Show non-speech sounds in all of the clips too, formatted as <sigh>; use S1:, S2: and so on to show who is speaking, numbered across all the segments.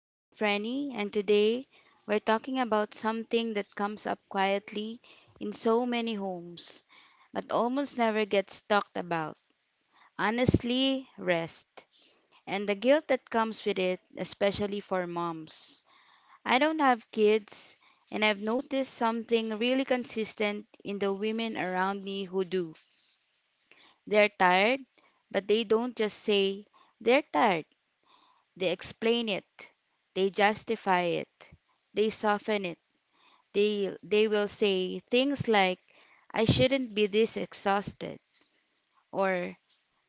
S1: I'm Franny, and today we're talking about something that comes up quietly in so many homes, but almost never gets talked about. Honestly, rest. And the guilt that comes with it, especially for moms. I don't have kids, and I've noticed something really consistent in the women around me who do. They're tired, but they don't just say, they're tired. They explain it, they justify it, they soften it. They will say things like, I shouldn't be this exhausted, or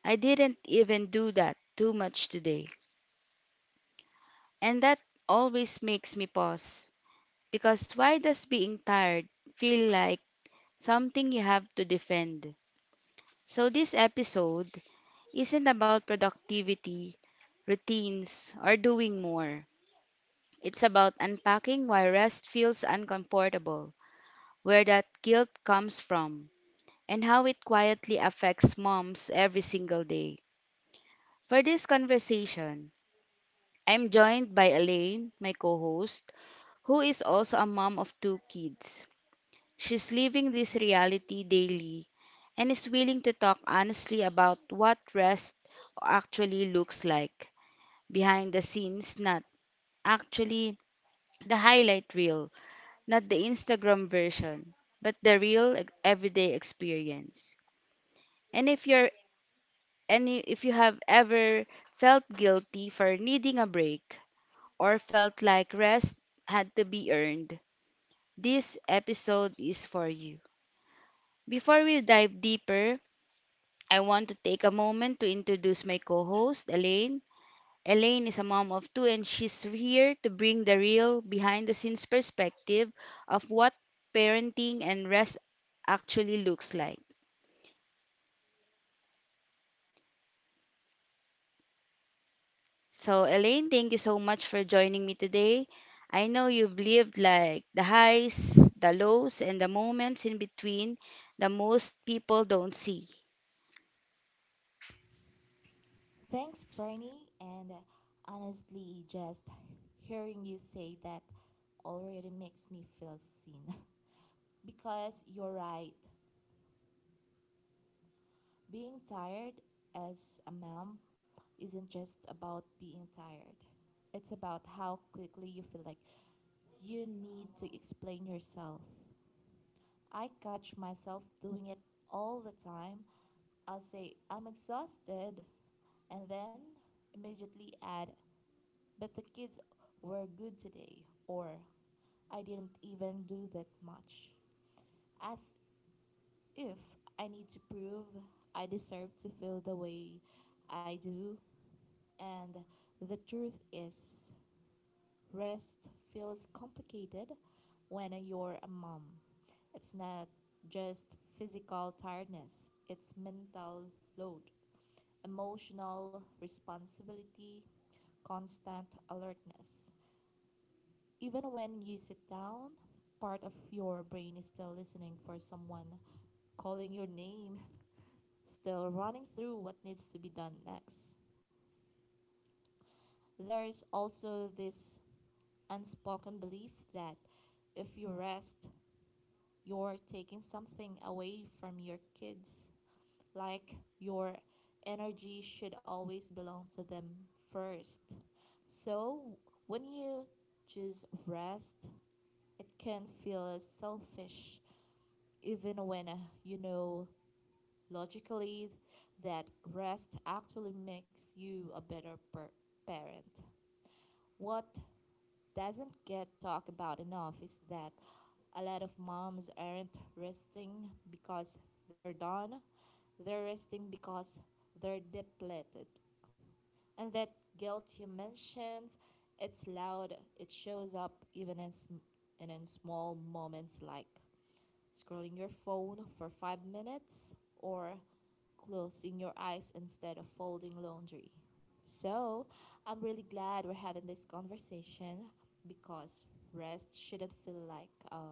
S1: I didn't even do that too much today. And that always makes me pause because why does being tired feel like something you have to defend? So this episode isn't about productivity, routines, or doing more. It's about unpacking why rest feels uncomfortable, where that guilt comes from, and how it quietly affects moms every single day. For this conversation, I'm joined by Elaine, my co host, who is also a mom of two kids. She's living this reality daily and is willing to talk honestly about what rest actually looks like behind the scenes, not actually the highlight reel. Not the Instagram version, but the everyday experience. And if you're any if you have ever felt guilty for needing a break or felt like rest had to be earned, this episode is for you. Before we dive deeper, I want to take a moment to introduce my co-host Elaine. Elaine is a mom of two and she's here to bring the real behind the scenes perspective of what parenting and rest actually looks like. So, Elaine, thank you so much for joining me today. I know you've lived like the highs, the lows, and the moments in between that most people don't see.
S2: Thanks, Franny. And honestly, just hearing you say that already makes me feel seen. <laughs> Because you're right. Being tired as a mom isn't just about being tired, it's about how quickly you feel like you need to explain yourself. I catch myself doing it all the time. I'll say, I'm exhausted, and then immediately add, but the kids were good today, or I didn't even do that much. As if I need to prove I deserve to feel the way I do. And the truth is, rest feels complicated when you're a mom. It's not just physical tiredness, it's mental load, emotional responsibility, constant alertness. Even when you sit down, part of your brain is still listening for someone calling your name, <laughs> still running through what needs to be done next. There's also this unspoken belief that if you rest, you're taking something away from your kids, like your energy should always belong to them first. So, when you choose rest, it can feel selfish even when you know logically that rest actually makes you a better parent. What doesn't get talked about enough is that a lot of moms aren't resting because they're done, they're resting because they're depleted. And that guilt you mentioned, it's loud, it shows up even in, sm- and in small moments like scrolling your phone for 5 minutes or closing your eyes instead of folding laundry. So, I'm really glad we're having this conversation because rest shouldn't feel like a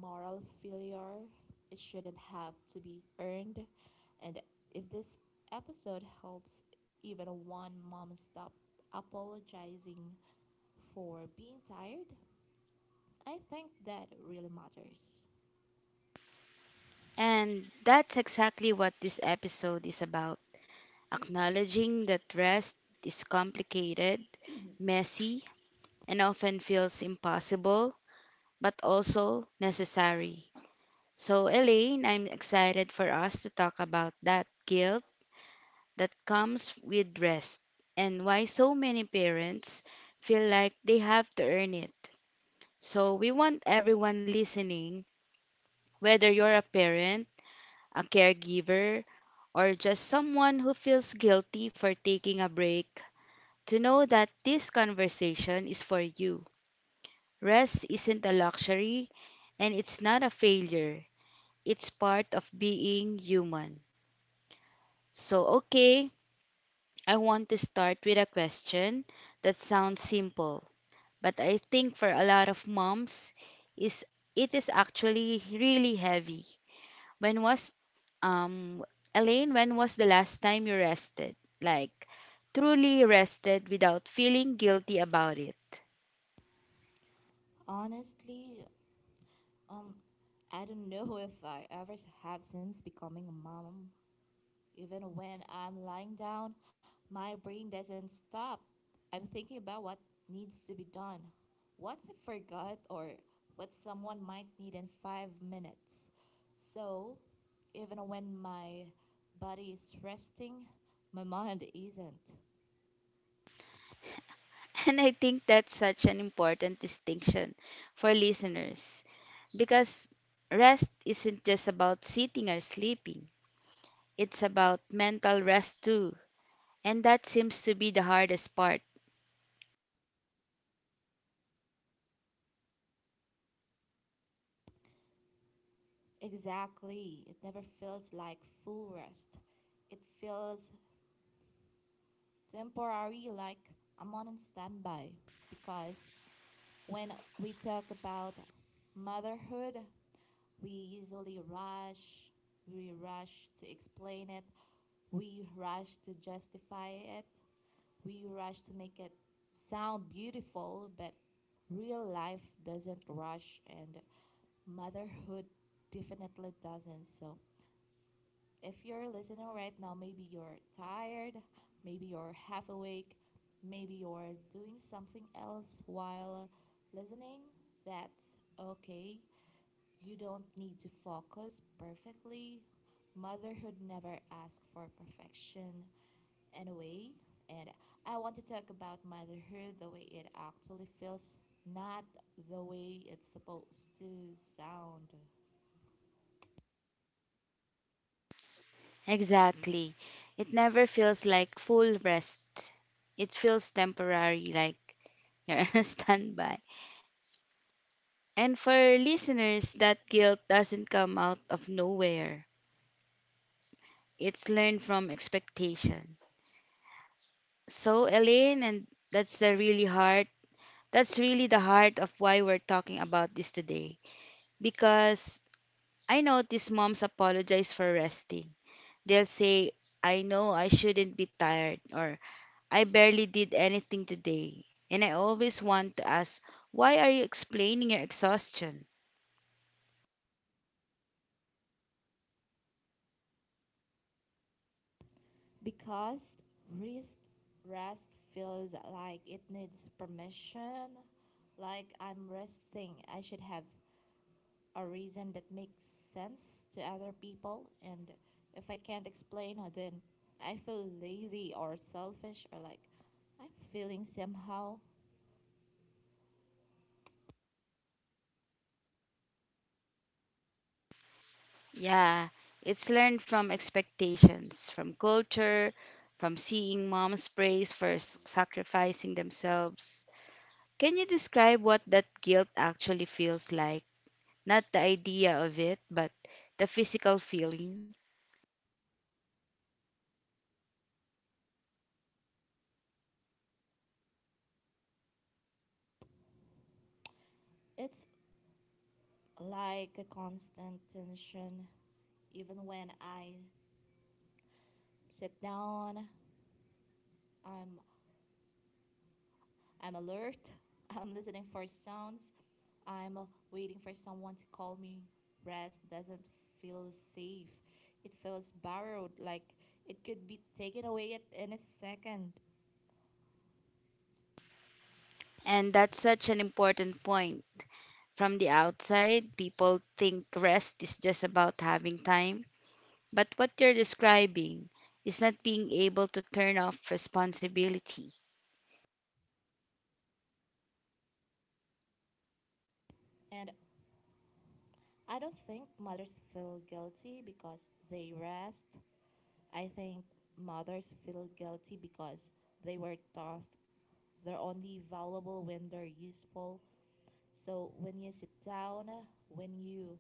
S2: moral failure. It shouldn't have to be earned. And if this episode helps even one mom stop apologizing for being tired, I think that really matters.
S1: And that's exactly what this episode is about: acknowledging that rest is complicated, messy, and often feels impossible, but also necessary. So, Elaine, I'm excited for us to talk about that guilt that comes with rest and why so many parents feel like they have to earn it. So, we want everyone listening, whether you're a parent, a caregiver, or just someone who feels guilty for taking a break, to know that this conversation is for you. Rest isn't a luxury and it's not a failure, it's part of being human. So, okay, I want to start with a question that sounds simple but I think for a lot of moms is it is actually really heavy. When was um Elaine, when was the last time you rested? Like truly rested without feeling guilty about it.
S2: Honestly, um, I don't know <laughs> if I ever have since becoming a mom. Even when I'm lying down, my brain doesn't stop. I'm thinking about what needs to be done, what I forgot, or what someone might need in 5 minutes. So, even when my body is resting, my mind isn't.
S1: <laughs> And I think that's such an important distinction for listeners because rest isn't just about sitting or sleeping. It's about mental rest too. And that seems to be the hardest part.
S2: Exactly. It never feels like full rest. It feels temporary, like I'm on standby. Because when we talk about motherhood, we usually rush. We rush to explain it. We rush to justify it. We rush to make it sound beautiful, but real life doesn't rush and motherhood definitely doesn't. So, if you're listening right now, maybe you're tired, maybe you're half awake, maybe you're doing something else while listening. That's okay. You don't need to focus perfectly. Motherhood never asks for perfection anyway. And I want to talk about motherhood the way it actually feels, not the way it's supposed to sound.
S1: Exactly. It never feels like full rest. It feels temporary, like you're on <laughs> standby. And for listeners, that guilt doesn't come out of nowhere. It's learned from expectation. So, Elaine, and that's the really heart. That's really the heart of why we're talking about this today. Because I notice moms apologize for resting. They'll say, I know I shouldn't be tired, or I barely did anything today, and I always want to ask, why are you explaining your exhaustion?
S2: Because rest, rest feels like it needs permission. Like I'm resting, I should have a reason that makes sense to other people, and if I can't explain then I feel lazy or selfish or like I'm feeling somehow.
S1: Yeah, it's learned from expectations, from culture, from seeing mom's praise for sacrificing themselves. Can you describe what that guilt actually feels like? Not the idea of it, but the physical feeling.
S2: It's like a constant tension. Even when I sit down, i'm I'm alert, <laughs> I'm listening for sounds, I'm waiting for someone to call me. Rest doesn't feel safe, it feels borrowed, like it could be taken away at any second.
S1: And that's such an important point. From the outside, people think rest is just about having time. But what you're describing is not being able to turn off responsibility.
S2: And I don't think mothers feel guilty because they rest. I think mothers feel guilty because they were taught they're only valuable when they're useful. So when you sit down, when you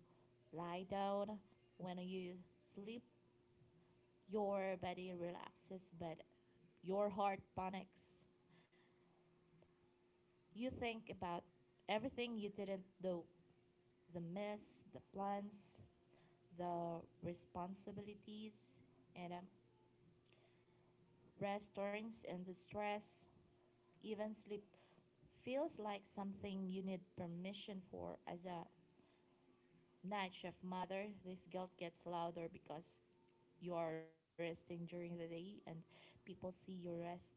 S2: lie down, when you sleep, your body relaxes but your heart panics. You think about everything you didn't do, the mess, the plans, the responsibilities, and rest turns into stress. Even sleep feels like something you need permission for. As a night shift mother, this guilt gets louder because you are resting during the day and people see you resting.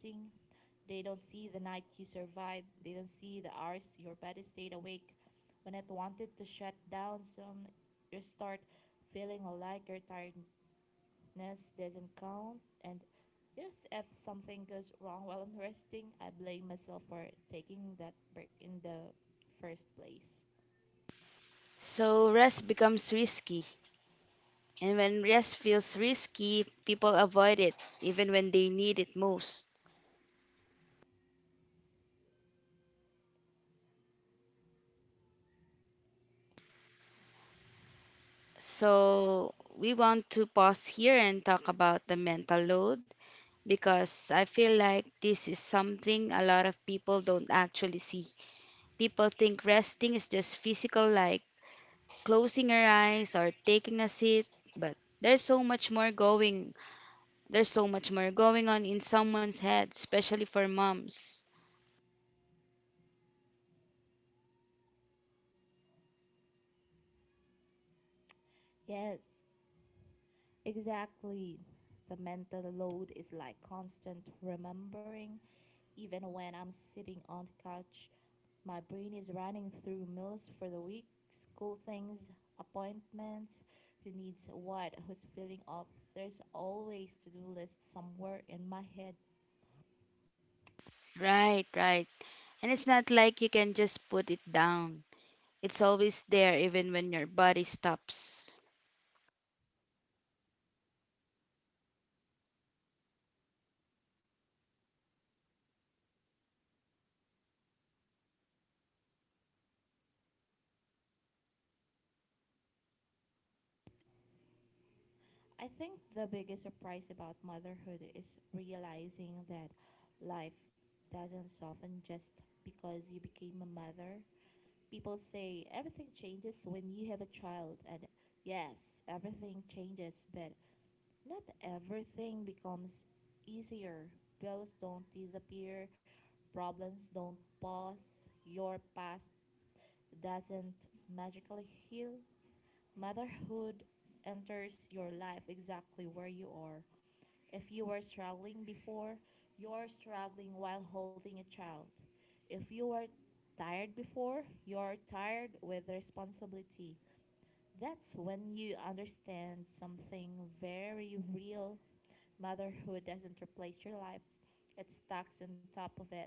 S2: They don't see the night you survived, they don't see the hours your body stayed awake when it wanted to shut down. So you start feeling like you're tired ness doesn't count, and yes, if something goes wrong while I'm resting, I blame myself for taking that break in the first place.
S1: So rest becomes risky. And when rest feels risky, people avoid it even when they need it most. So we want to pause here and talk about the mental load because I feel like this is something a lot of people don't actually see. People think resting is just physical, like closing your eyes or taking a seat, but there's so much more going there's so much more going on in someone's head, especially for moms.
S2: Yes, exactly. The mental load is like constant remembering. Even when I'm sitting on the couch, my brain is running through meals for the week, school things, appointments, who needs what, who's feeling off. There's always to-do list somewhere in my head.
S1: Right, right. And it's not like you can just put it down. It's always there even when your body stops.
S2: I think the biggest surprise about motherhood is realizing that life doesn't soften just because you became a mother. People say everything changes when you have a child, and yes, everything changes, but not everything becomes easier. Bills don't disappear, problems don't pause, your past doesn't magically heal. Motherhood enters your life exactly where you are. If you were struggling before, you are struggling while holding a child. If you were tired before, you are tired with responsibility. That's when you understand something very real. Motherhood doesn't replace your life, it stacks on top of it.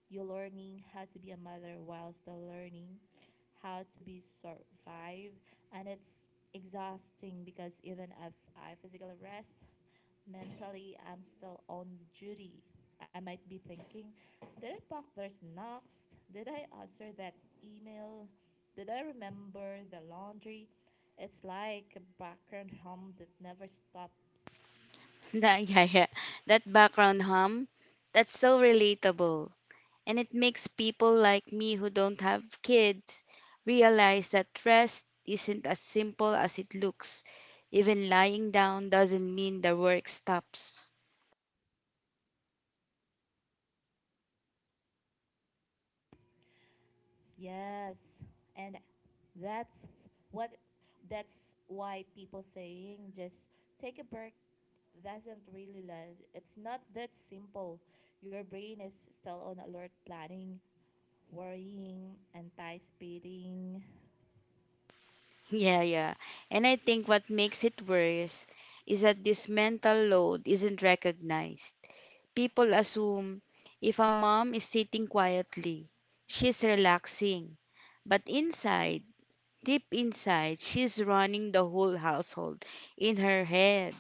S2: You're learning how to be a mother while still learning how to be survive, and it's exhausting because even if I physical rest, mentally, I'm still on duty. I might be thinking, did I pack there's next? Did I answer that email? Did I remember the laundry? It's like a background hum that never stops.
S1: <laughs> That, yeah, yeah. That background hum, that's so relatable. And it makes people like me who don't have kids realize that rest isn't as simple as it looks. Even lying down doesn't mean the work stops.
S2: Yes, and that's what that's why people saying just take a break doesn't really land. It's not that simple. Your brain is still on alert planning, worrying, anti speeding.
S1: Yeah, yeah. And I think what makes it worse is that this mental load isn't recognized. People assume if a mom is sitting quietly, she's relaxing. But inside, deep inside, she's running the whole household in her head.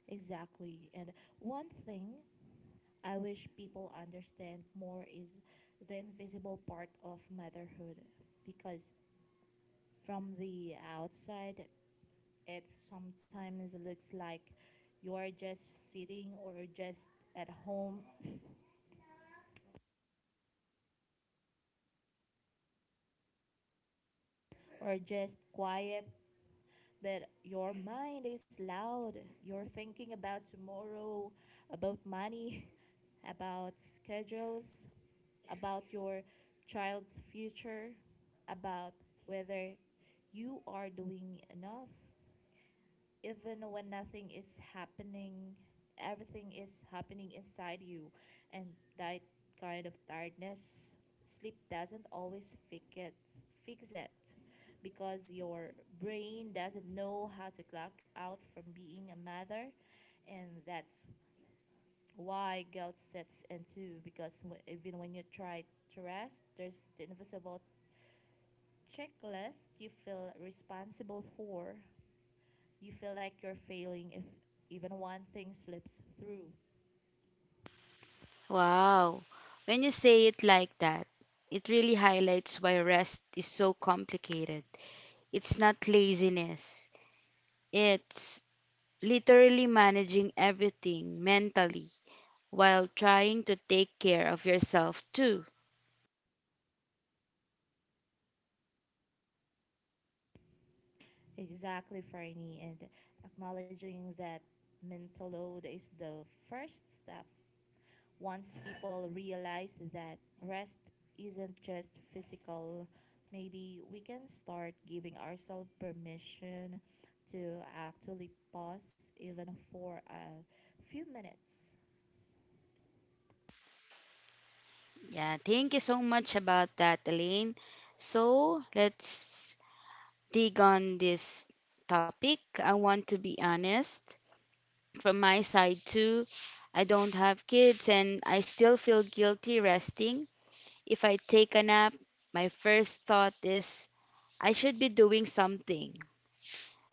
S2: Exactly. And one thing I wish people understand more is the invisible part of motherhood, because from the outside, it sometimes looks like you are just sitting or just at home <coughs> or just quiet, but your mind is loud. You're thinking about tomorrow, about money, <laughs> about schedules, about your child's future, about whether you are doing enough. Even when nothing is happening, everything is happening inside you, and that kind of tiredness, sleep doesn't always fix it. Fix it because your brain doesn't know how to clock out from being a mother, and that's why guilt sets in too, because even when you try to rest, there's the invisible checklist you feel responsible for. You feel like you're failing if even one thing slips through.
S1: Wow. When you say it like that, it really highlights why rest is so complicated. It's not laziness, it's literally managing everything mentally while trying to take care of yourself too.
S2: Exactly, Franny, and acknowledging that mental load is the first step. Once people realize that rest isn't just physical, maybe we can start giving ourselves permission to actually pause, even for a few minutes.
S1: Yeah, thank you so much about that, Elaine. So let's dig on this topic. I want to be honest. From my side too, I don't have kids and I still feel guilty resting. If I take a nap, my first thought is I should be doing something.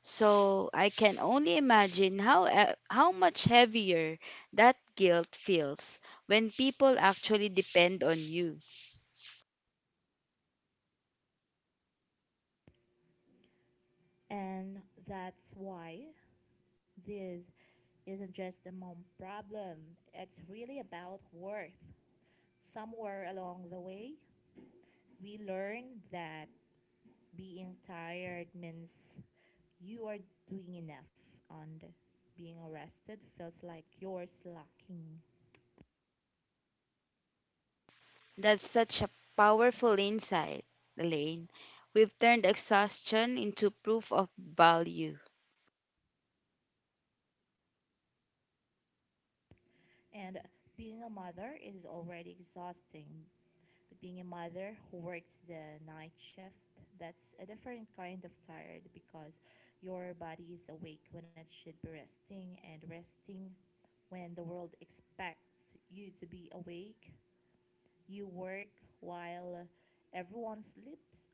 S1: So I can only imagine how how much heavier that guilt feels when people actually depend on you.
S2: And that's why this isn't just a mom problem, it's really about worth. Somewhere along the way, we learned that being tired means you are doing enough, and being arrested feels like you're slacking.
S1: That's such a powerful insight, Elaine. We've turned exhaustion into proof of value.
S2: And being a mother is already exhausting, but being a mother who works the night shift, that's a different kind of tired, because your body is awake when it should be resting and resting when the world expects you to be awake. You work while everyone sleeps,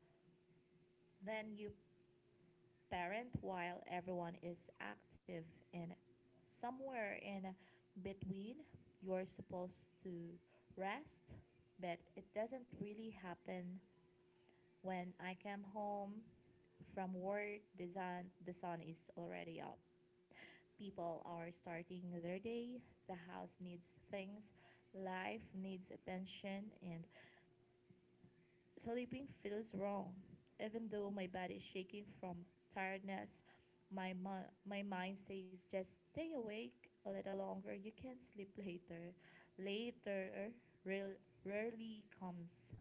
S2: then you parent while everyone is active, and somewhere in between you're supposed to rest, but it doesn't really happen. When I came home from work, the sun is already up. People are starting their day. The house needs things, life needs attention, and sleeping feels wrong. Even though my body is shaking from tiredness, my, my mind says just stay awake a little longer. You can sleep later. Later real, rarely comes.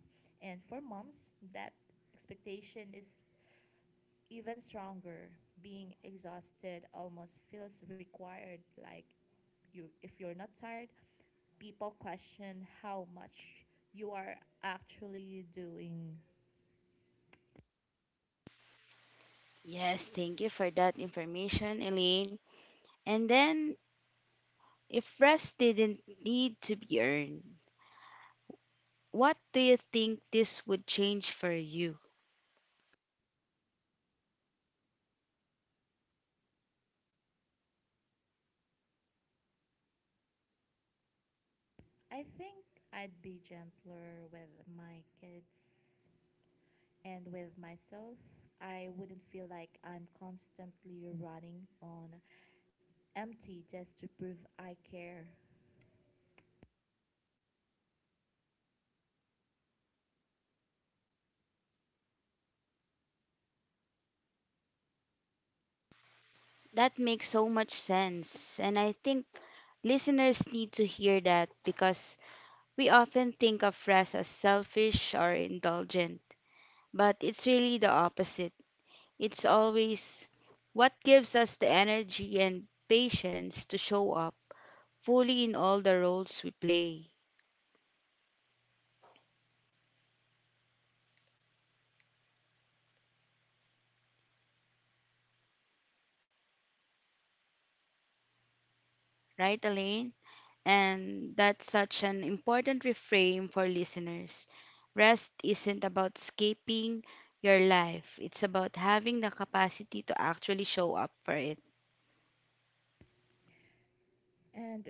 S2: And for moms, that expectation is even stronger. Being exhausted almost feels required, like, you, if you're not tired, people question how much you are actually doing.
S1: Yes, thank you for that information, Elaine. And then, if rest didn't need to be earned, what do you think this would change for you?
S2: I think I'd be gentler with my kids and with myself. I wouldn't feel like I'm constantly running on empty just to prove I care.
S1: That makes so much sense, and I think listeners need to hear that because we often think of rest as selfish or indulgent, but it's really the opposite. It's always what gives us the energy and patience to show up fully in all the roles we play. Right, Elaine? And that's such an important reframe for listeners. Rest isn't about escaping your life, it's about having the capacity to actually show up for it.
S2: And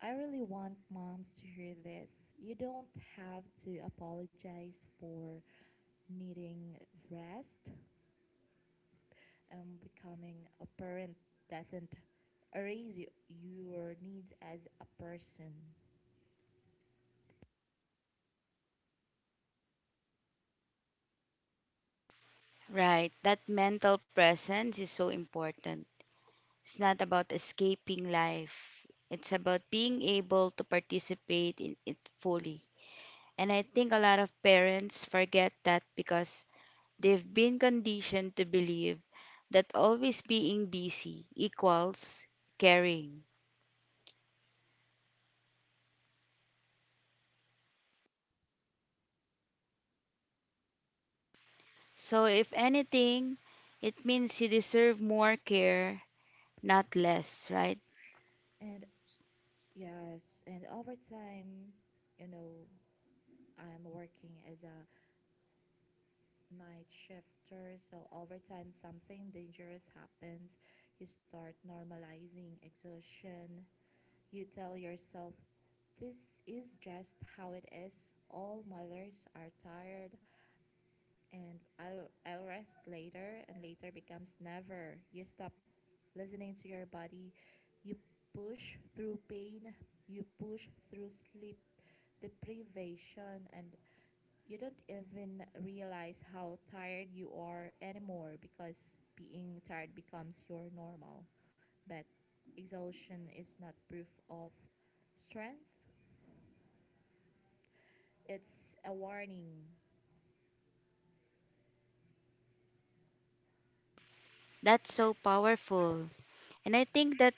S2: I really want moms to hear this. You don't have to apologize for needing rest. Becoming a parent doesn't erase you, your needs as a person.
S1: Right. That mental presence is so important. It's not about escaping life, it's about being able to participate in it fully. And I think a lot of parents forget that because they've been conditioned to believe that always being busy equals caring. So, if anything, it means you deserve more care, not less, right?
S2: And yes, and over time, you know, I'm working as a night shifter, so over time something dangerous happens. You start normalizing exhaustion. You tell yourself, this is just how it is. All mothers are tired, and I'll rest later, and later becomes never. You stop listening to your body. You push through pain, you push through sleep deprivation, and you don't even realize how tired you are anymore because being tired becomes your normal. But exhaustion is not proof of strength. It's a warning.
S1: That's so powerful. And I think that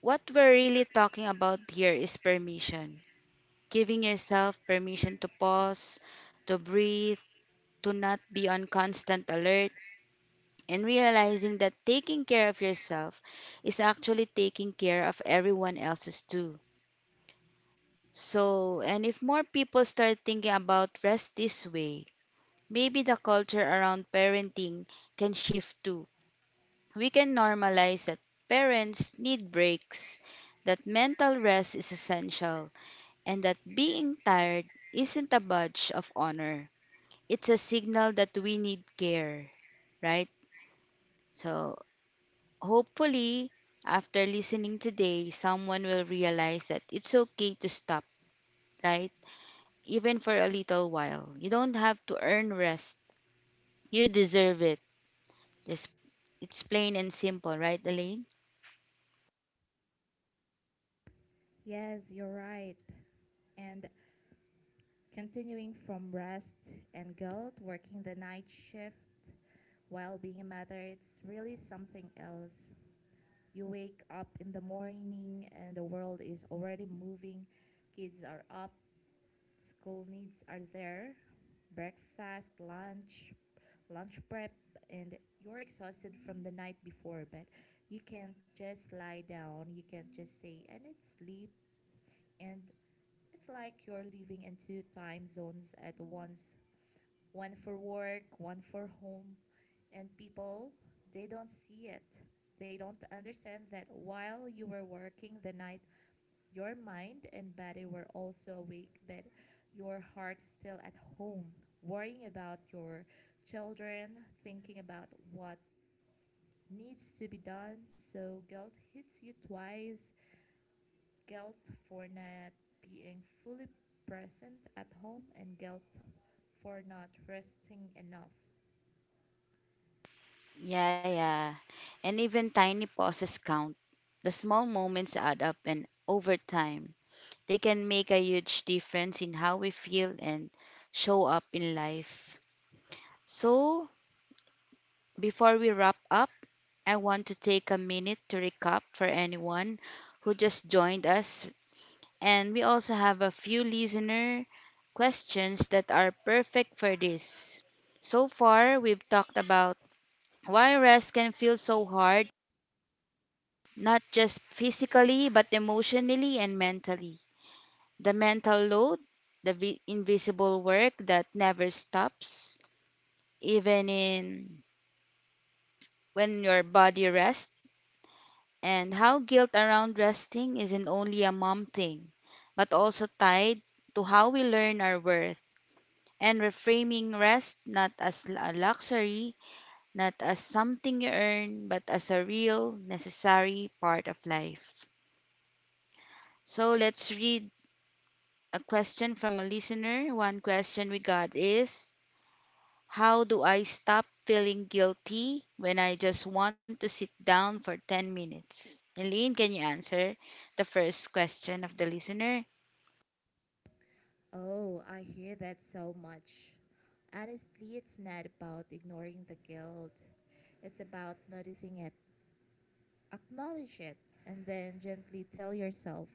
S1: what we're really talking about here is permission. Giving yourself permission to pause, to breathe, to not be on constant alert, and realizing that taking care of yourself is actually taking care of everyone else's too. So, and if more people start thinking about rest this way, maybe the culture around parenting can shift too. We can normalize that parents need breaks, that mental rest is essential and that being tired isn't a badge of honor. It's a signal that we need care, right? So, hopefully, after listening today, someone will realize that it's okay to stop, right? Even for a little while. You don't have to earn rest, you deserve it. It's, it's plain and simple, right, Elaine?
S2: Yes, you're right. And continuing from rest and guilt, working the night shift while being a mother, it's really something else. You wake up in the morning and the world is already moving. Kids are up, school needs are there, breakfast, lunch, lunch prep, and you're exhausted from the night before, but you can't just lie down. You can't just say, I need sleep. And it's like you're living in two time zones at once, one for work, one for home. And people, they don't see it. They don't understand that while you were working the night, your mind and body were also awake, but your heart is still at home, worrying about your children, thinking about what needs to be done. So guilt hits you twice. Guilt for not being fully present at home and guilt for not resting enough.
S1: Yeah, yeah. And even tiny pauses count. The small moments add up, and over time, they can make a huge difference in how we feel and show up in life. So, before we wrap up, I want to take a minute to recap for anyone who just joined us. And we also have a few listener questions that are perfect for this. So far, we've talked about why rest can feel so hard, not just physically, but emotionally and mentally; the mental load, the invisible work that never stops, even in when your body rests; and how guilt around resting isn't only a mom thing, but also tied to how we learn our worth. And reframing rest not as a luxury, not as something you earn, but as a real, necessary part of life. So let's read a question from a listener. One question we got is, how do I stop feeling guilty when I just want to sit down for 10 minutes? Elaine, can you answer the first question of the listener?
S2: Oh, I hear that so much. Honestly, it's not about ignoring the guilt. It's about noticing it, acknowledge it, and then gently tell yourself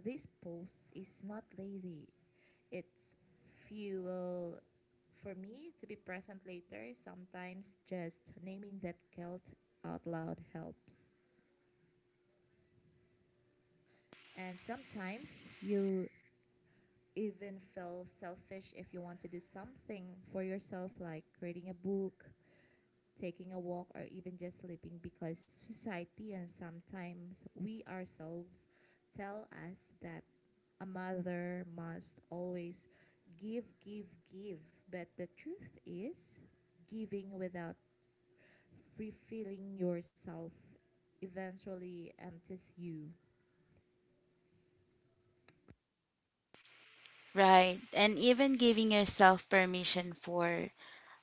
S2: this post is not lazy. It's fuel for me to be present later. Sometimes just naming that guilt out loud helps. And sometimes you even feel selfish if you want to do something for yourself, like reading a book, taking a walk, or even just sleeping, because society and sometimes we ourselves tell us that a mother must always give, give, give. But the truth is, giving without refilling yourself eventually empties you.
S1: Right. And even giving yourself permission for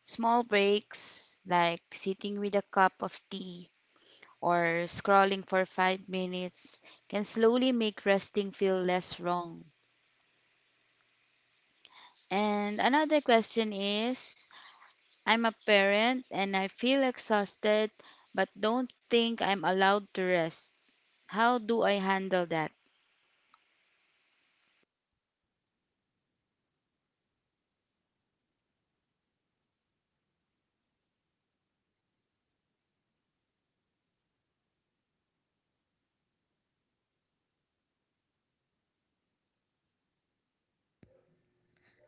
S1: small breaks, like sitting with a cup of tea or scrolling for 5 minutes, can slowly make resting feel less wrong. And another question is, I'm a parent and I feel exhausted, but don't think I'm allowed to rest. How do I handle that?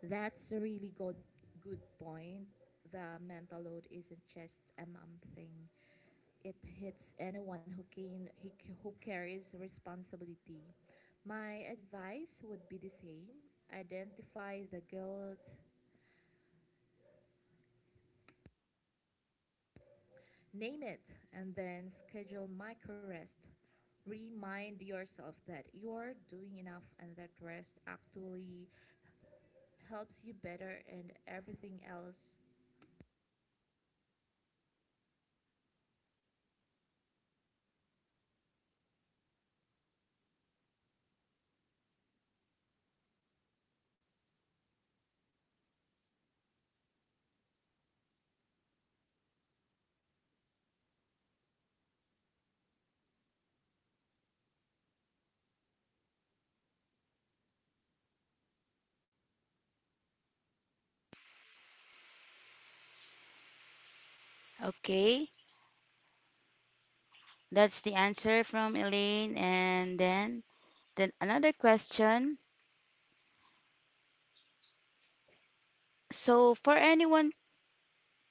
S2: That's a really good point. The mental load isn't just a mom thing. It hits anyone who carries responsibility. My advice would be the same. Identify the guilt, name it, and then schedule micro rest. Remind yourself that you're doing enough and that rest actually helps you better and everything else.
S1: Okay, that's the answer from Elaine. And then another question. So, for anyone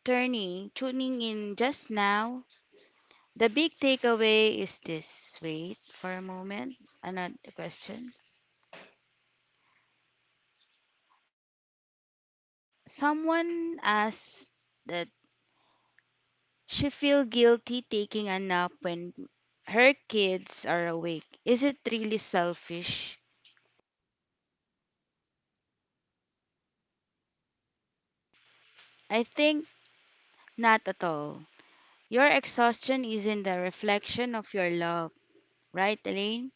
S1: tuning in just now, the big takeaway is this. Wait for a moment. Another question. Someone asked that she feel guilty taking a nap when her kids are awake. Is it really selfish? I think not at all. Your exhaustion isn't the reflection of your love, right, Elaine?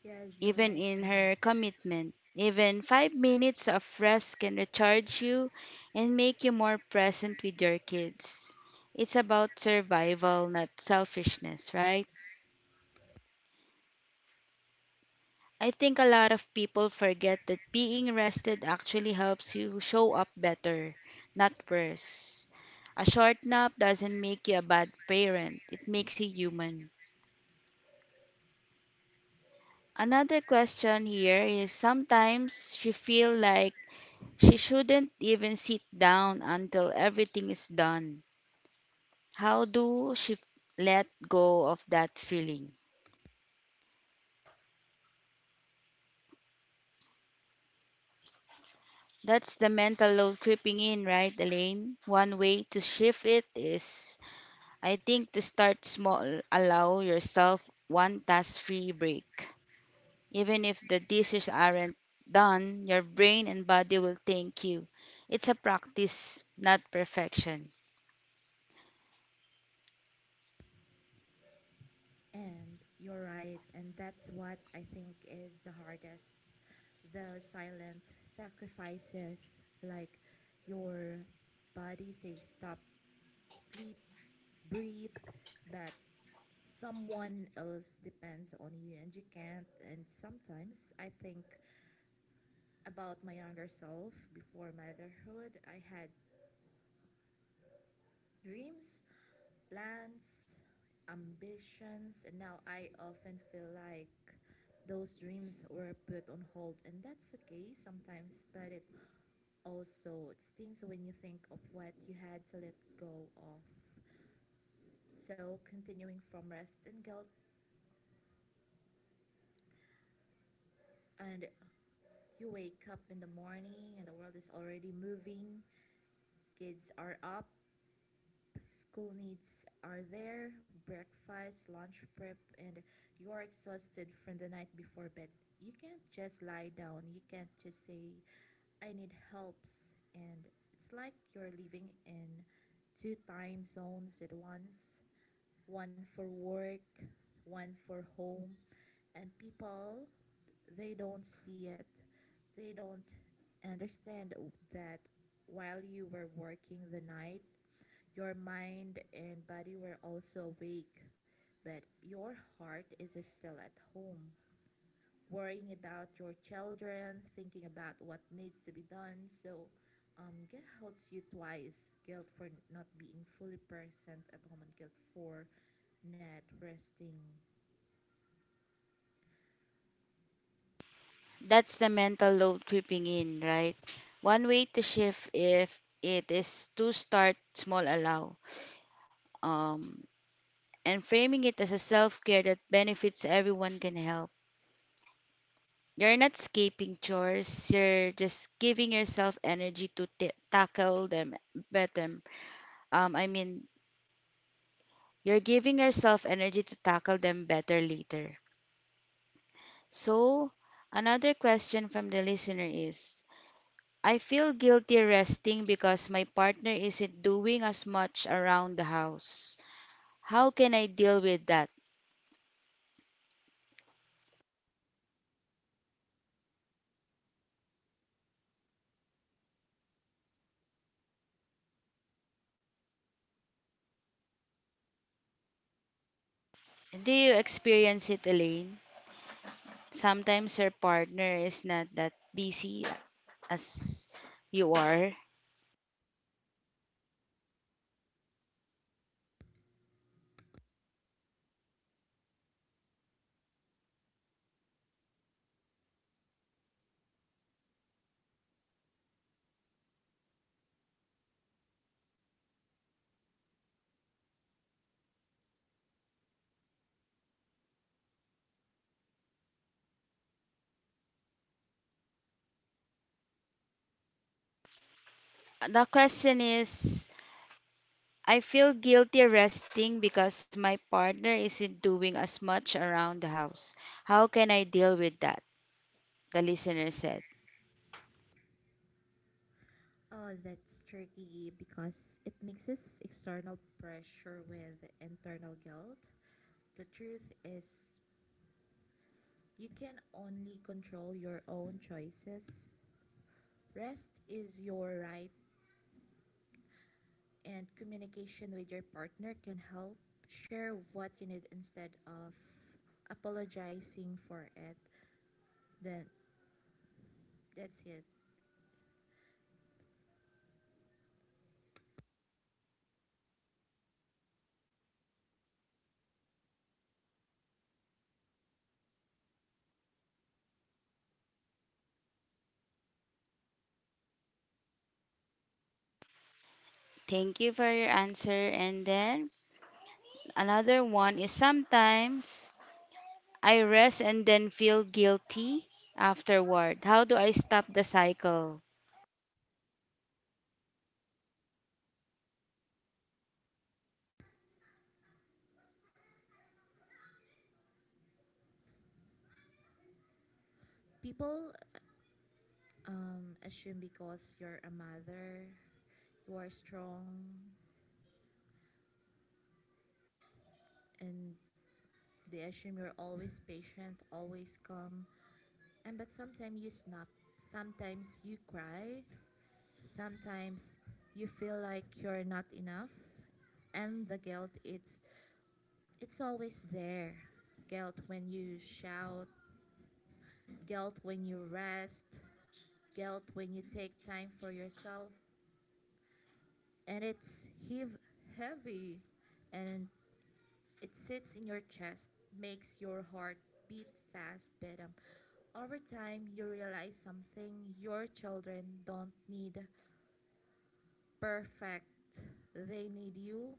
S2: Yes, you're
S1: Even
S2: right,
S1: in
S2: Fernie.
S1: her commitment, even 5 minutes of rest can recharge you and make you more present with your kids. It's about survival, not selfishness, right? I think a lot of people forget that being rested actually helps you show up better, not worse. A short nap doesn't make you a bad parent, it makes you human. Another question here is sometimes she feel like she shouldn't even sit down until everything is done. How do let go of that feeling? That's the mental load creeping in, right, Elaine? One way to shift it is I think to start small, allow yourself one task free break. Even if the dishes aren't done, your brain and body will thank you. It's a practice, not perfection.
S2: And you're right, and that's what I think is the hardest, the silent sacrifices, like your body says stop, sleep, breathe, but someone else depends on you and you can't. And sometimes I think about my younger self before motherhood. I had dreams, plans, ambitions, and now I often feel like those dreams were put on hold, and that's okay sometimes, but it also stings when you think of what you had to let go of. So, continuing from rest and guilt, and you wake up in the morning and the world is already moving, kids are up, school needs are there, breakfast, lunch prep, and you're exhausted from the night before bed. You can't just lie down. You can't just say, I need helps. And it's like you're living in two time zones at once, one for work, one for home. And people, they don't see it. They don't understand that while you were working the night, your mind and body were also awake, but your heart is still at home, worrying about your children, thinking about what needs to be done. So, guilt hurts you twice, guilt for not being fully present at home, and guilt for not resting.
S1: That's the mental load creeping in, right? One way to shift if it is to start small, um, and framing it as a self care that benefits everyone can help. You're not escaping chores. You're just giving yourself energy to tackle them better. Um, I mean, you're giving yourself energy to tackle them better later. So, another question from the listener is I feel guilty resting because my partner isn't doing as much around the house. How can I deal with that? Do you experience it, Elaine? Sometimes your partner is not that busy as you are. The question is I feel guilty resting because my partner isn't doing as much around the house. How can I deal with that? The listener said.
S2: Oh, that's tricky because it mixes external pressure with internal guilt. The truth is, you can only control your own choices. Rest is your right, and communication with your partner can help share what you need instead of apologizing for it. Then that's it.
S1: Thank you for your answer. And then another one is sometimes I rest and then feel guilty afterward. How do I stop the cycle?
S2: People assume because you're a mother, you are strong, and they assume you're always patient, always calm. And but sometimes you snap, sometimes you cry, sometimes you feel like you're not enough and the guilt, it's always there. Guilt when you shout, guilt when you rest, guilt when you take time for yourself. And it's heave heavy and it sits in your chest, makes your heart beat fast, but over time you realize something: your children don't need perfect. They need you.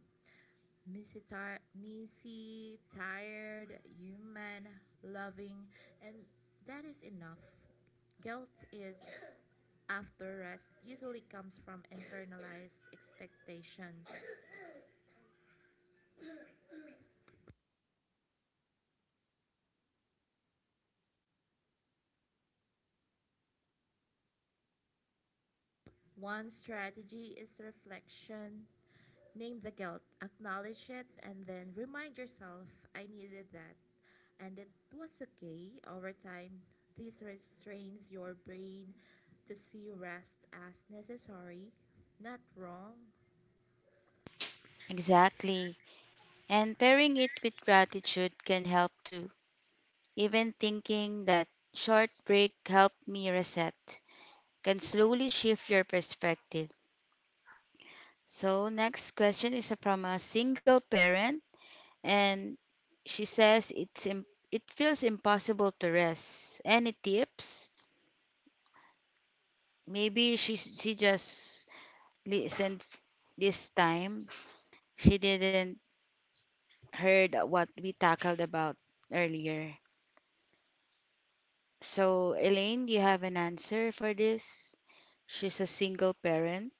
S2: Misty, messy, tired, human, loving, and that is enough. Guilt is after rest usually comes from internalized expectations. One strategy is reflection. Name the guilt, acknowledge it, and then remind yourself I needed that. And it was okay over time. This restrains your brain to see rest as necessary, not wrong.
S1: Exactly. And pairing it with gratitude can help too. Even thinking that short break helped me reset can slowly shift your perspective. So, next question is from a single parent, and she says it feels impossible to rest. Any tips? Maybe she just listened f- this time. She didn't heard what we tackled about earlier. So, Elaine, do you have an answer for this? She's a single parent.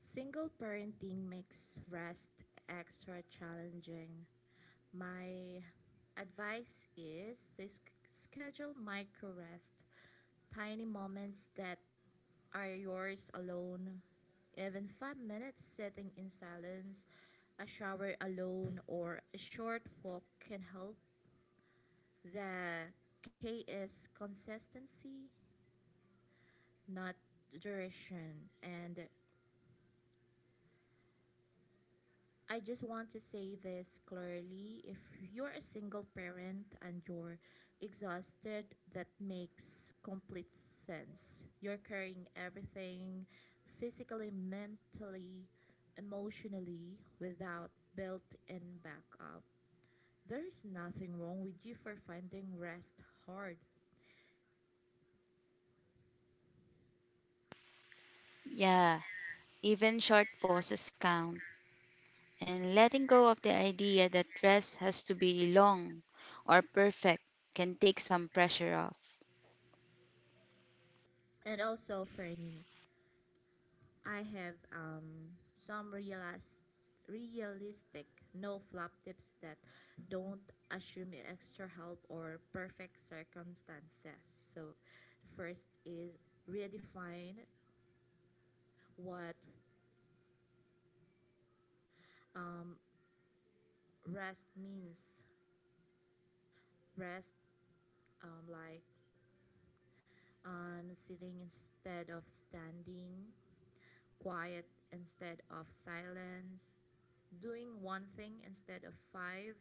S2: Single parenting makes rest extra challenging. My advice is to schedule micro rest, tiny moments that are yours alone. Even 5 minutes sitting in silence, a shower alone, or a short walk can help. The K is consistency, not duration, and I just want to say this clearly. If you're a single parent and you're exhausted, that makes complete sense. You're carrying everything physically, mentally, emotionally without built in backup. There is nothing wrong with you for finding rest hard.
S1: Yeah, even short pauses count. And letting go of the idea that dress has to be long or perfect can take some pressure off.
S2: And also, Franny, I have some realistic no flop tips that don't assume extra help or perfect circumstances. So, the first is redefine what um, rest means. Rest, like sitting instead of standing, quiet instead of silence, doing one thing instead of five,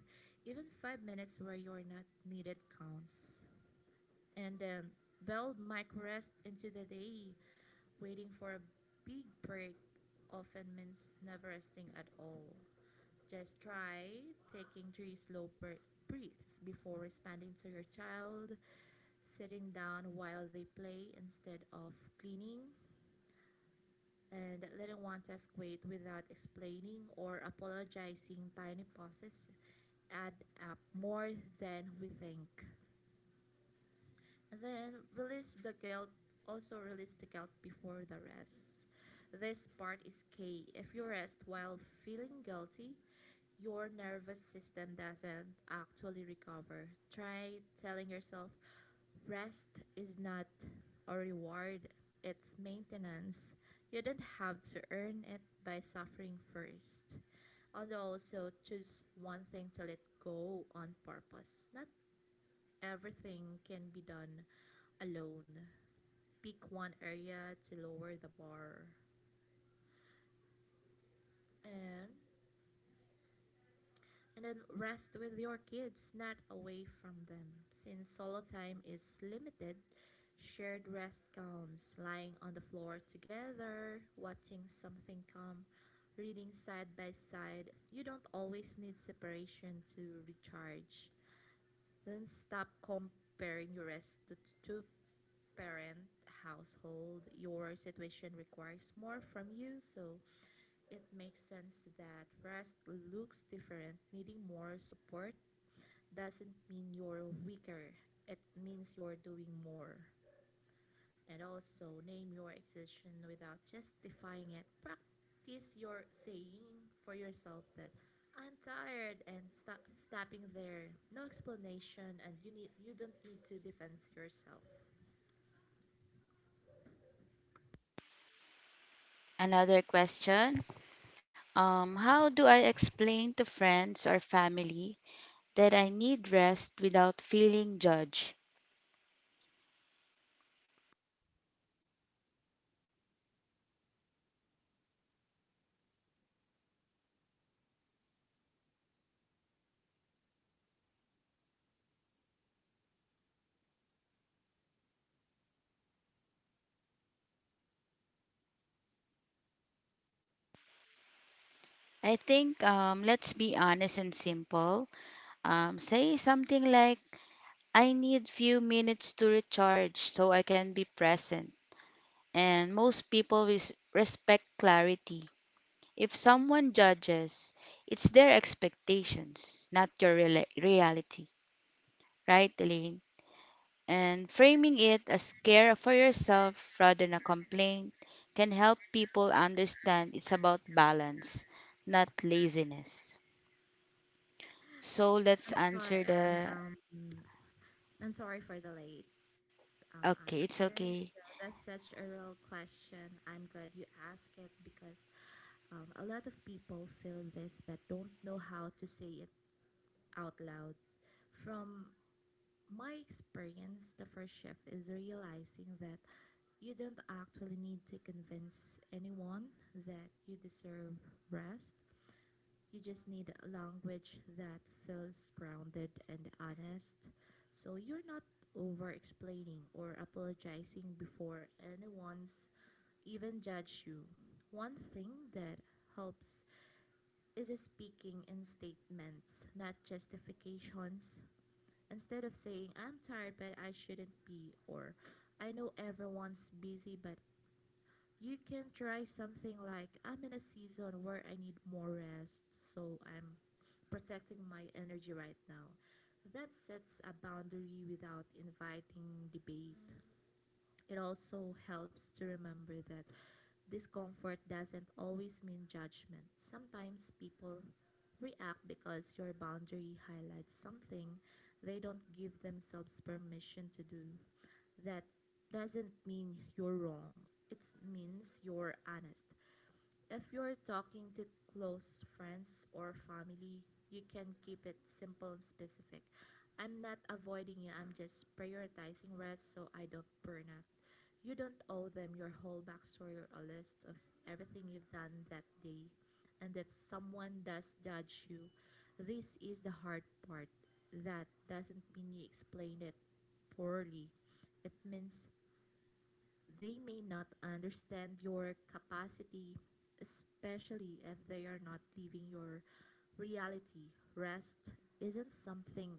S2: even 5 minutes where you're not needed counts. And then build micro rest into the day. Waiting for a big break often means never resting at all. Just try taking three slow breaths breathes before responding to your child, sitting down while they play instead of cleaning, and letting one task wait without explaining or apologizing. Tiny pauses add up more than we think. And then release the guilt, also release the guilt before the rest. This part is key. If you rest while feeling guilty, your nervous system doesn't actually recover. Try telling yourself rest is not a reward, it's maintenance. You don't have to earn it by suffering first. And also choose one thing to let go on purpose, not everything can be done alone. Pick one area to lower the bar. and and then rest with your kids, not away from them. Since solo time is limited, shared rest counts. Lying on the floor together, watching something calm, reading side by side. You don't always need separation to recharge. Then stop comparing your rest to parent household. Your situation requires more from you, so it makes sense that rest looks different. Needing more support doesn't mean you're weaker, it means you're doing more. And also name your exhaustion without justifying it. Practice your saying for yourself that I'm tired and stopping there, no explanation, and you don't need to defend yourself.
S1: Another question, how do I explain to friends or family that I need rest without feeling judged? I think, let's be honest and simple. Say something like, I need few minutes to recharge so I can be present. And most people respect clarity. If someone judges, it's their expectations, not your reality, right, Elaine? And framing it as care for yourself rather than a complaint can help people understand it's about balance, not laziness. So let's
S2: I'm sorry,
S1: answer
S2: I'm
S1: the.
S2: I'm sorry for the late
S1: Okay, it's
S2: answer.
S1: okay.
S2: So that's such a real question. I'm glad you asked it because a lot of people feel this but don't know how to say it out loud. From my experience, the first shift is realizing that you don't actually need to convince anyone that you deserve rest. You just need language that feels grounded and honest, so you're not over explaining or apologizing before anyone's even judge you. One thing that helps is speaking in statements, not justifications. Instead of saying, I'm tired, but I shouldn't be, or I know everyone's busy, but, you can try something like, I'm in a season where I need more rest, so I'm protecting my energy right now. That sets a boundary without inviting debate. It also helps to remember that discomfort doesn't always mean judgment. Sometimes people react because your boundary highlights something they don't give themselves permission to do. That doesn't mean you're wrong. It means you're honest. If you're talking to close friends or family, you can keep it simple and specific. I'm not avoiding you, I'm just prioritizing rest so I don't burn out. You don't owe them your whole backstory or a list of everything you've done that day. And if someone does judge you, this is the hard part. That doesn't mean you explained it poorly. It means they may not understand your capacity, especially if they are not living your reality. Rest isn't something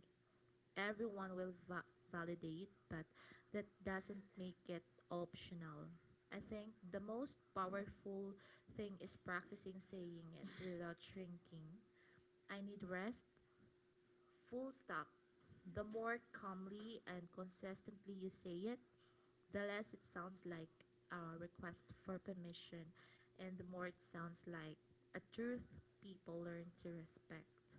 S2: everyone will validate, but that doesn't make it optional. I think the most powerful thing is practicing saying it without shrinking. I need rest, full stop. The more calmly and consistently you say it, the less it sounds like a request for permission and the more it sounds like a truth people learn to respect.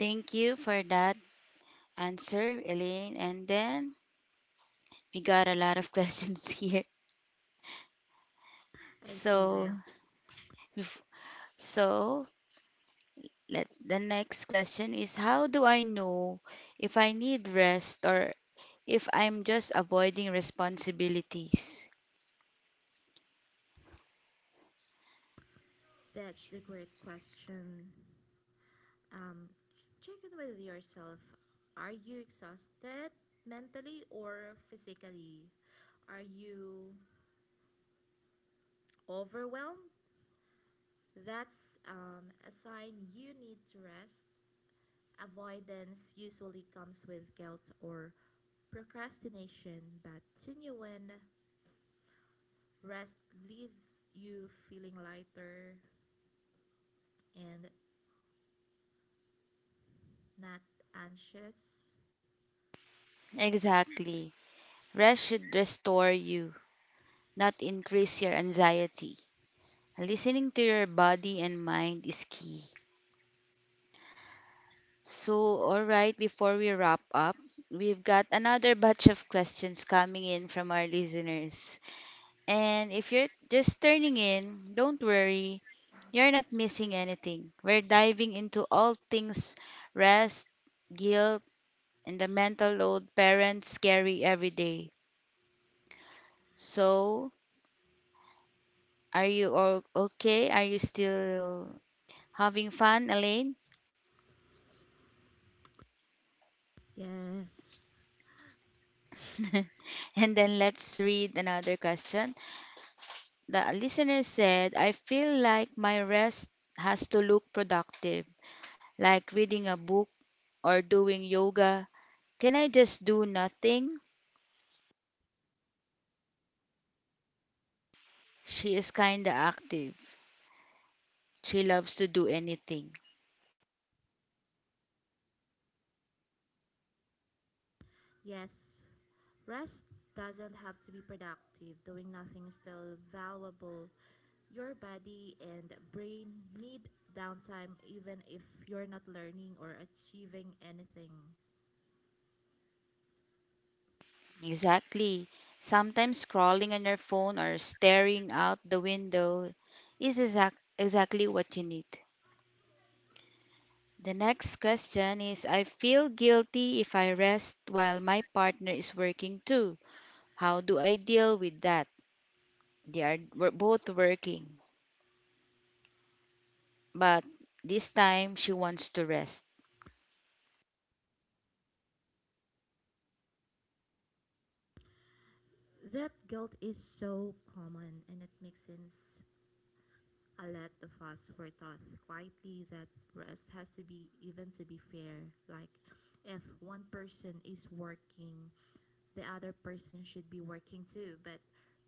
S1: Thank you for that answer, Elaine. And then we got a lot of <laughs> questions here.
S2: I see
S1: So,
S2: there.
S1: bef- so the next question is how do I know if I need rest or if I'm just avoiding responsibilities?
S2: That's a great question. Um, check in with yourself. Are you exhausted mentally or physically? Are you overwhelmed? That's a sign you need to rest. Avoidance usually comes with guilt or procrastination, but genuine rest leaves you feeling lighter and not anxious.
S1: Exactly. Rest should restore you, not increase your anxiety. Listening to your body and mind is key. So, all right, before we wrap up, we've got another batch of questions coming in from our listeners. And if you're just turning in, don't worry. You're not missing anything. We're diving into all things rest, guilt, and the mental load parents carry every day. So, are you all okay? Are you still having fun, Elaine?
S2: Yes,
S1: <laughs> And then let's read another question. The listener said, I feel like my rest has to look productive, like reading a book or doing yoga. Can I just do nothing? She is kinda active. She loves to do anything.
S2: yes, rest doesn't have to be productive. Doing nothing is still valuable. Your body and brain need downtime even if you're not learning or achieving anything.
S1: Exactly. Sometimes scrolling on her phone or staring out the window is exactly what you need. The next question is I feel guilty if I rest while my partner is working too. How do I deal with that? They are We're both working, but this time she wants to rest.
S2: That guilt is so common and it makes sense. Alet the Foss were taught quietly that rest has to be even to be fair. Like, if one person is working, the other person should be working too. But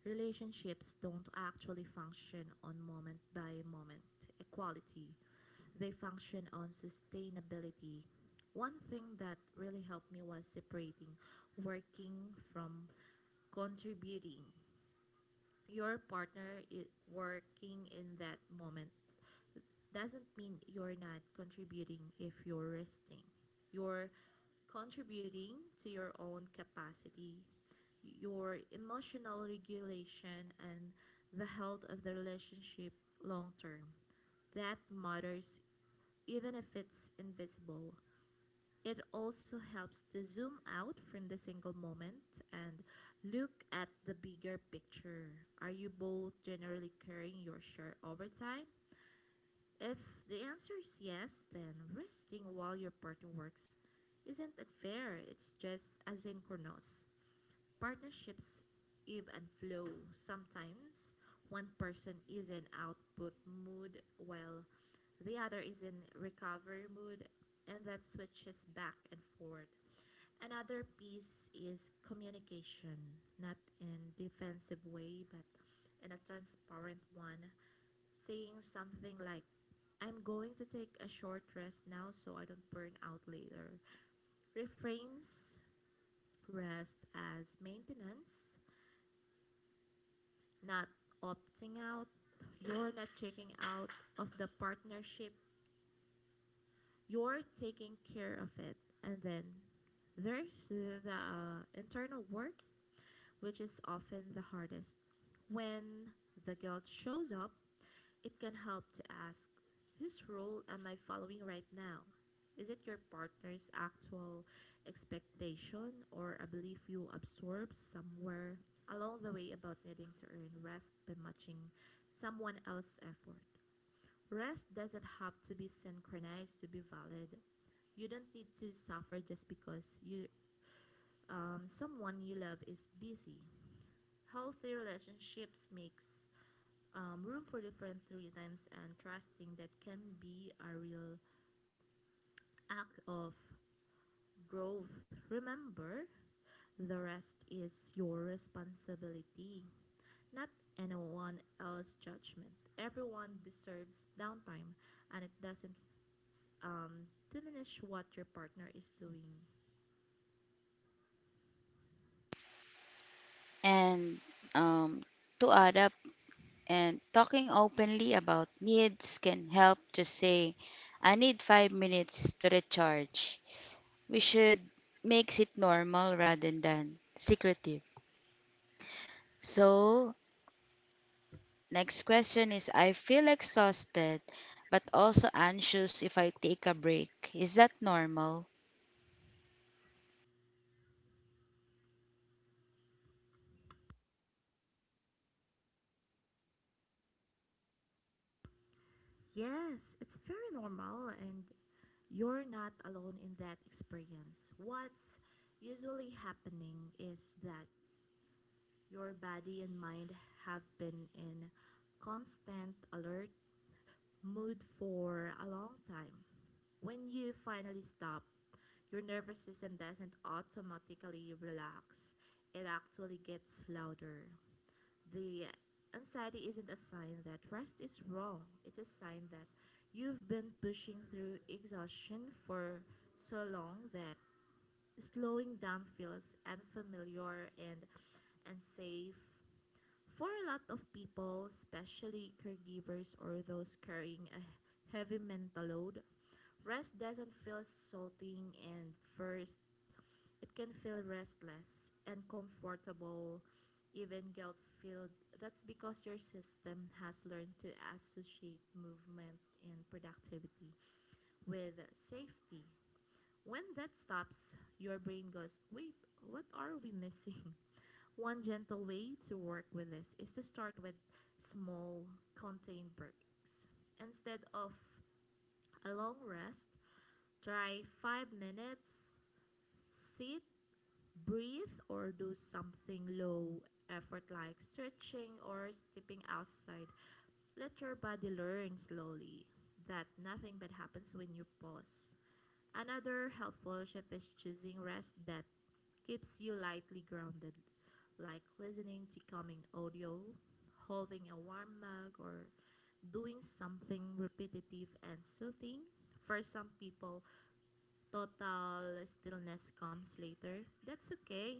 S2: relationships don't actually function on moment by moment equality, they function on sustainability. One thing that really helped me was separating working from contributing. Your partner is working in that moment doesn't mean you're not contributing. If you're resting, you're contributing to your own capacity, your emotional regulation, and the health of the relationship long term. That matters even if it's invisible. It also helps to zoom out from the single moment and look at the bigger picture. Are you both generally carrying your share over time? If the answer is yes, then resting while your partner works isn't unfair, it's just asynchronous. Partnerships ebb and flow. Sometimes one person is in output mood while the other is in recovery mood, and that switches back and forth. Another piece is communication, not in defensive way, but in a transparent one, saying something like, I'm going to take a short rest now so I don't burn out later, reframes rest as maintenance, not opting out. You're not checking out of the partnership, you're taking care of it. And then there's the internal work, which is often the hardest. When the guilt shows up, it can help to ask, whose role am I following right now? Is it your partner's actual expectation, or a belief you absorb somewhere along the way about needing to earn rest by matching someone else's effort? Rest doesn't have to be synchronized to be valid. You don't need to suffer just because you someone you love is busy. Healthy relationships makes room for different rhythms, and trusting that can be a real act of growth. Remember, the rest is your responsibility, not anyone else's judgment. Everyone deserves downtime, and it doesn't diminish what your partner is doing.
S1: And, um, to add up, and talking openly about needs can help to say, I need 5 minutes to recharge. We should makes it normal rather than secretive. So, next question is I feel exhausted but also anxious if I take a break. Is that normal?
S2: Yes, it's very normal, and you're not alone in that experience. What's usually happening is that your body and mind have been in constant alert mood for a long time. When you finally stop, your nervous system doesn't automatically relax, it actually gets louder. The anxiety isn't a sign that rest is wrong, it's a sign that you've been pushing through exhaustion for so long that slowing down feels unfamiliar and unsafe. For a lot of people, especially caregivers or those carrying a heavy mental load, rest doesn't feel soothing, and first it can feel restless, uncomfortable, even guilt filled. That's because your system has learned to associate movement and productivity with safety. When that stops, your brain goes, wait, what are we missing? One gentle way to work with this is to start with small, contained breaks. Instead of a long rest, try 5 minutes, sit, breathe, or do something low effort like stretching or stepping outside. Let your body learn slowly that nothing bad happens when you pause. Another helpful shift is choosing rest that keeps you lightly grounded, like listening to calming audio, holding a warm mug, or doing something repetitive and soothing. For some people, total stillness comes later. That's okay.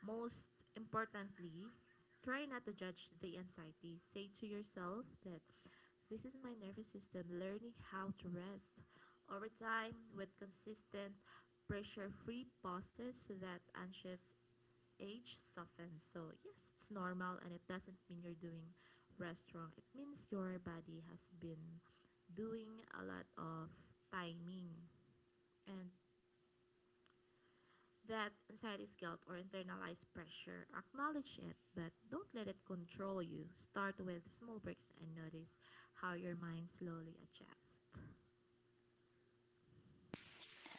S2: Most importantly, try not to judge the anxiety. Say to yourself that this is my nervous system learning how to rest. Over time, with consistent pressure free pauses, that anxious age softens. So, yes, it's normal, and it doesn't mean you're doing rest wrong. It means your body has been doing a lot of timing, and that anxiety, guilt, or internalized pressure, acknowledge it but don't let it control you. Start with small breaks and notice how your mind slowly adjusts.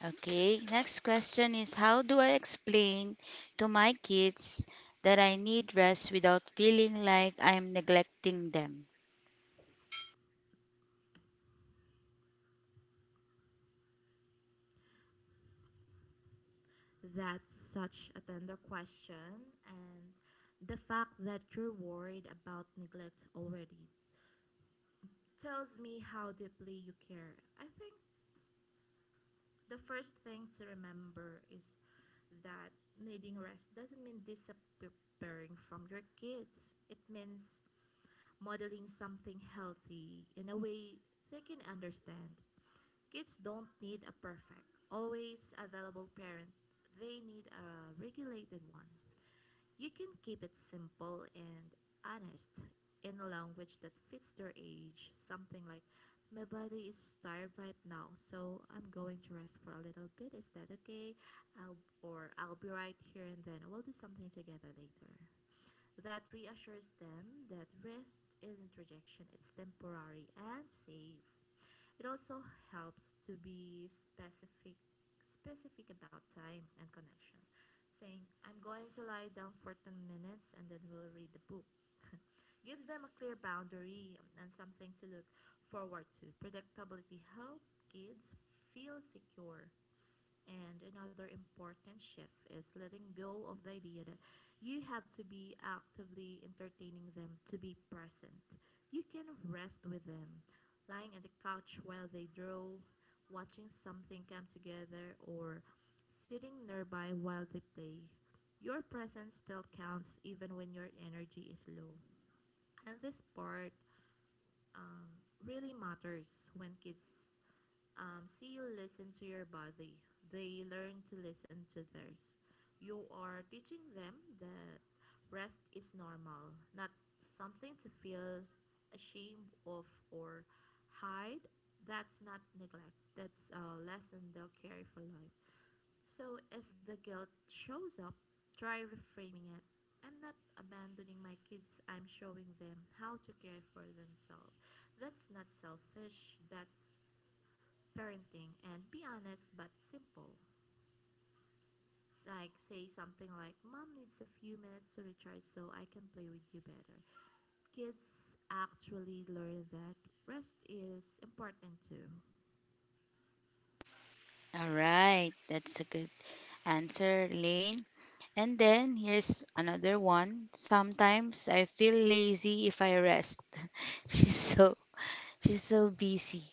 S1: Okay, next question is how do I explain to my kids that I need rest without feeling like I'm neglecting them?
S2: That's such a tender question, and the fact that you're worried about neglect already tells me how deeply you care. I think the first thing to remember is that needing rest doesn't mean disappearing from your kids. It means modeling something healthy in a way they can understand. Kids don't need a perfect, always available parent, they need a regulated one. You can keep it simple and honest, in a language that fits their age. Something like, my body is tired right now, so I'm going to rest for a little bit. Is that okay? I'll be right here, and then we'll do something together later. That reassures them that rest isn't rejection, it's temporary and safe. It also helps to be specific about time and connection, saying, I'm going to lie down for 10 minutes and then we'll read the book. <laughs> Gives them a clear boundary and something to look forward to. Predictability helps kids feel secure, and another important shift is letting go of the idea that you have to be actively entertaining them to be present. You can rest with them, lying on the couch while they draw, watching something come together, or sitting nearby while they play. Your presence still counts, even when your energy is low. And this part really matters. When kids see, listen to your body, they learn to listen to theirs. You are teaching them that rest is normal, not something to feel ashamed of or hide. That's not neglect. That's a lesson they'll carry for life. So if the guilt shows up, try reframing it. I'm not abandoning my kids, I'm showing them how to care for themselves. That's not selfish. That's parenting. And be honest but simple. Like, say something like, "Mom needs a few minutes to recharge so I can play with you better." Kids actually learn that rest is important too.
S1: All right, that's a good answer, Lane. And then here's another one. Sometimes I feel lazy if I rest. <laughs> She's so she's so busy.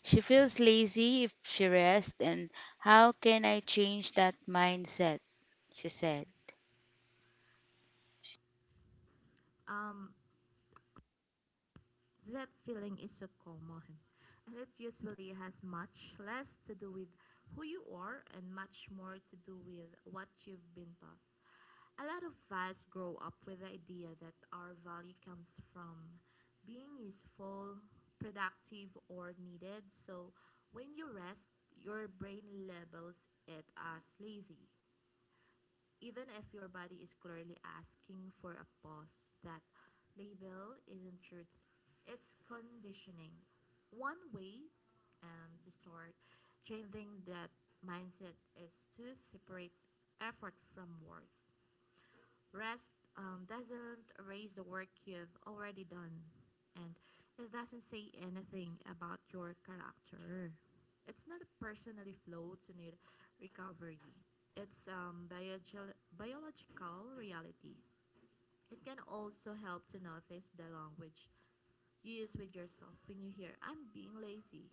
S1: She feels lazy if she rests and how can I change that mindset? She said.
S2: Um, that feeling is so common, and it usually has much less to do with who you are and much more to do with what you've been taught. A lot of us grow up with the idea that our value comes from being useful, productive, or needed. So when you rest, your brain labels it as lazy. Even if your body is clearly asking for a pause, that label isn't truth, it's conditioning. One way to start changing that mindset is to separate effort from worth. Rest doesn't erase the work you've already done, and it doesn't say anything about your character. It's not a personally floats in it recovery. It's biog biological reality. It can also help to notice the language you use with yourself. When you hear, I'm being lazy,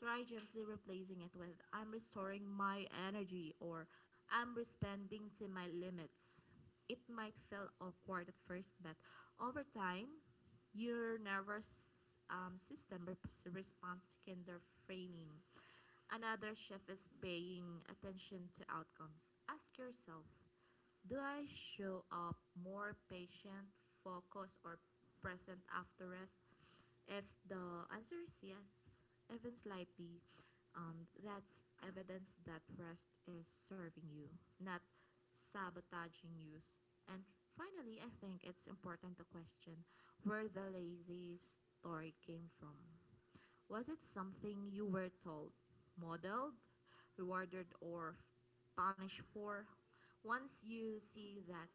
S2: try gently replacing it with, I'm restoring my energy, or I'm responding to my limits. It might feel awkward at first, but over time, your responds to kinder framing. Another shift is paying attention to outcomes. Ask yourself, do I show up more patient, focused, or present after rest? If the answer is yes, even slightly, that's evidence that rest is serving you, not sabotaging you. And finally, I think it's important to question where the lazy story came from. Was it something you were told, modeled, rewarded, or punished for? Once you see that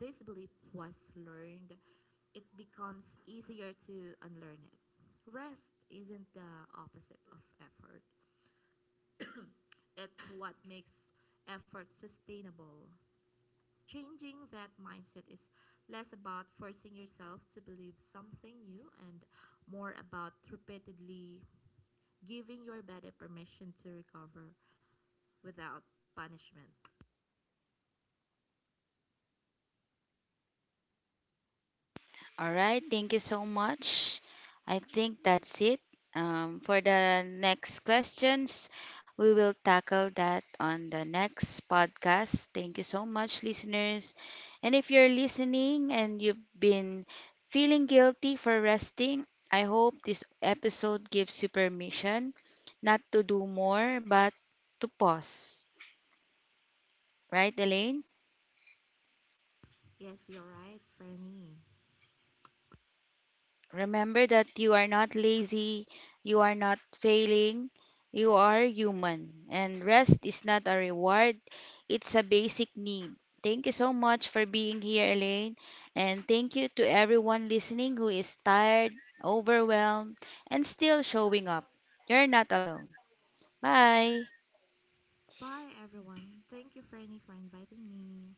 S2: this belief was learned, it becomes easier to unlearn it. Rest isn't the opposite of effort. It's what makes effort sustainable. Changing that mindset is less about forcing yourself to believe something new, and more about repeatedly giving your body permission to recover without punishment.
S1: All right, thank you so much. I think that's it. For the next questions, we will tackle that on the next podcast. Thank you so much, listeners. And if you're listening and you've been feeling guilty for resting, I hope this episode gives you permission not to do more, but to pause. Right, Elaine?
S2: Yes, you're right, Franny.
S1: Remember that you are not lazy, you are not failing, you are human. And rest is not a reward, it's a basic need. Thank you so much for being here, Elaine. And thank you to everyone listening who is tired, overwhelmed, and still showing up. You're not alone. Bye.
S2: Bye, everyone. Thank you, Franny, for inviting me.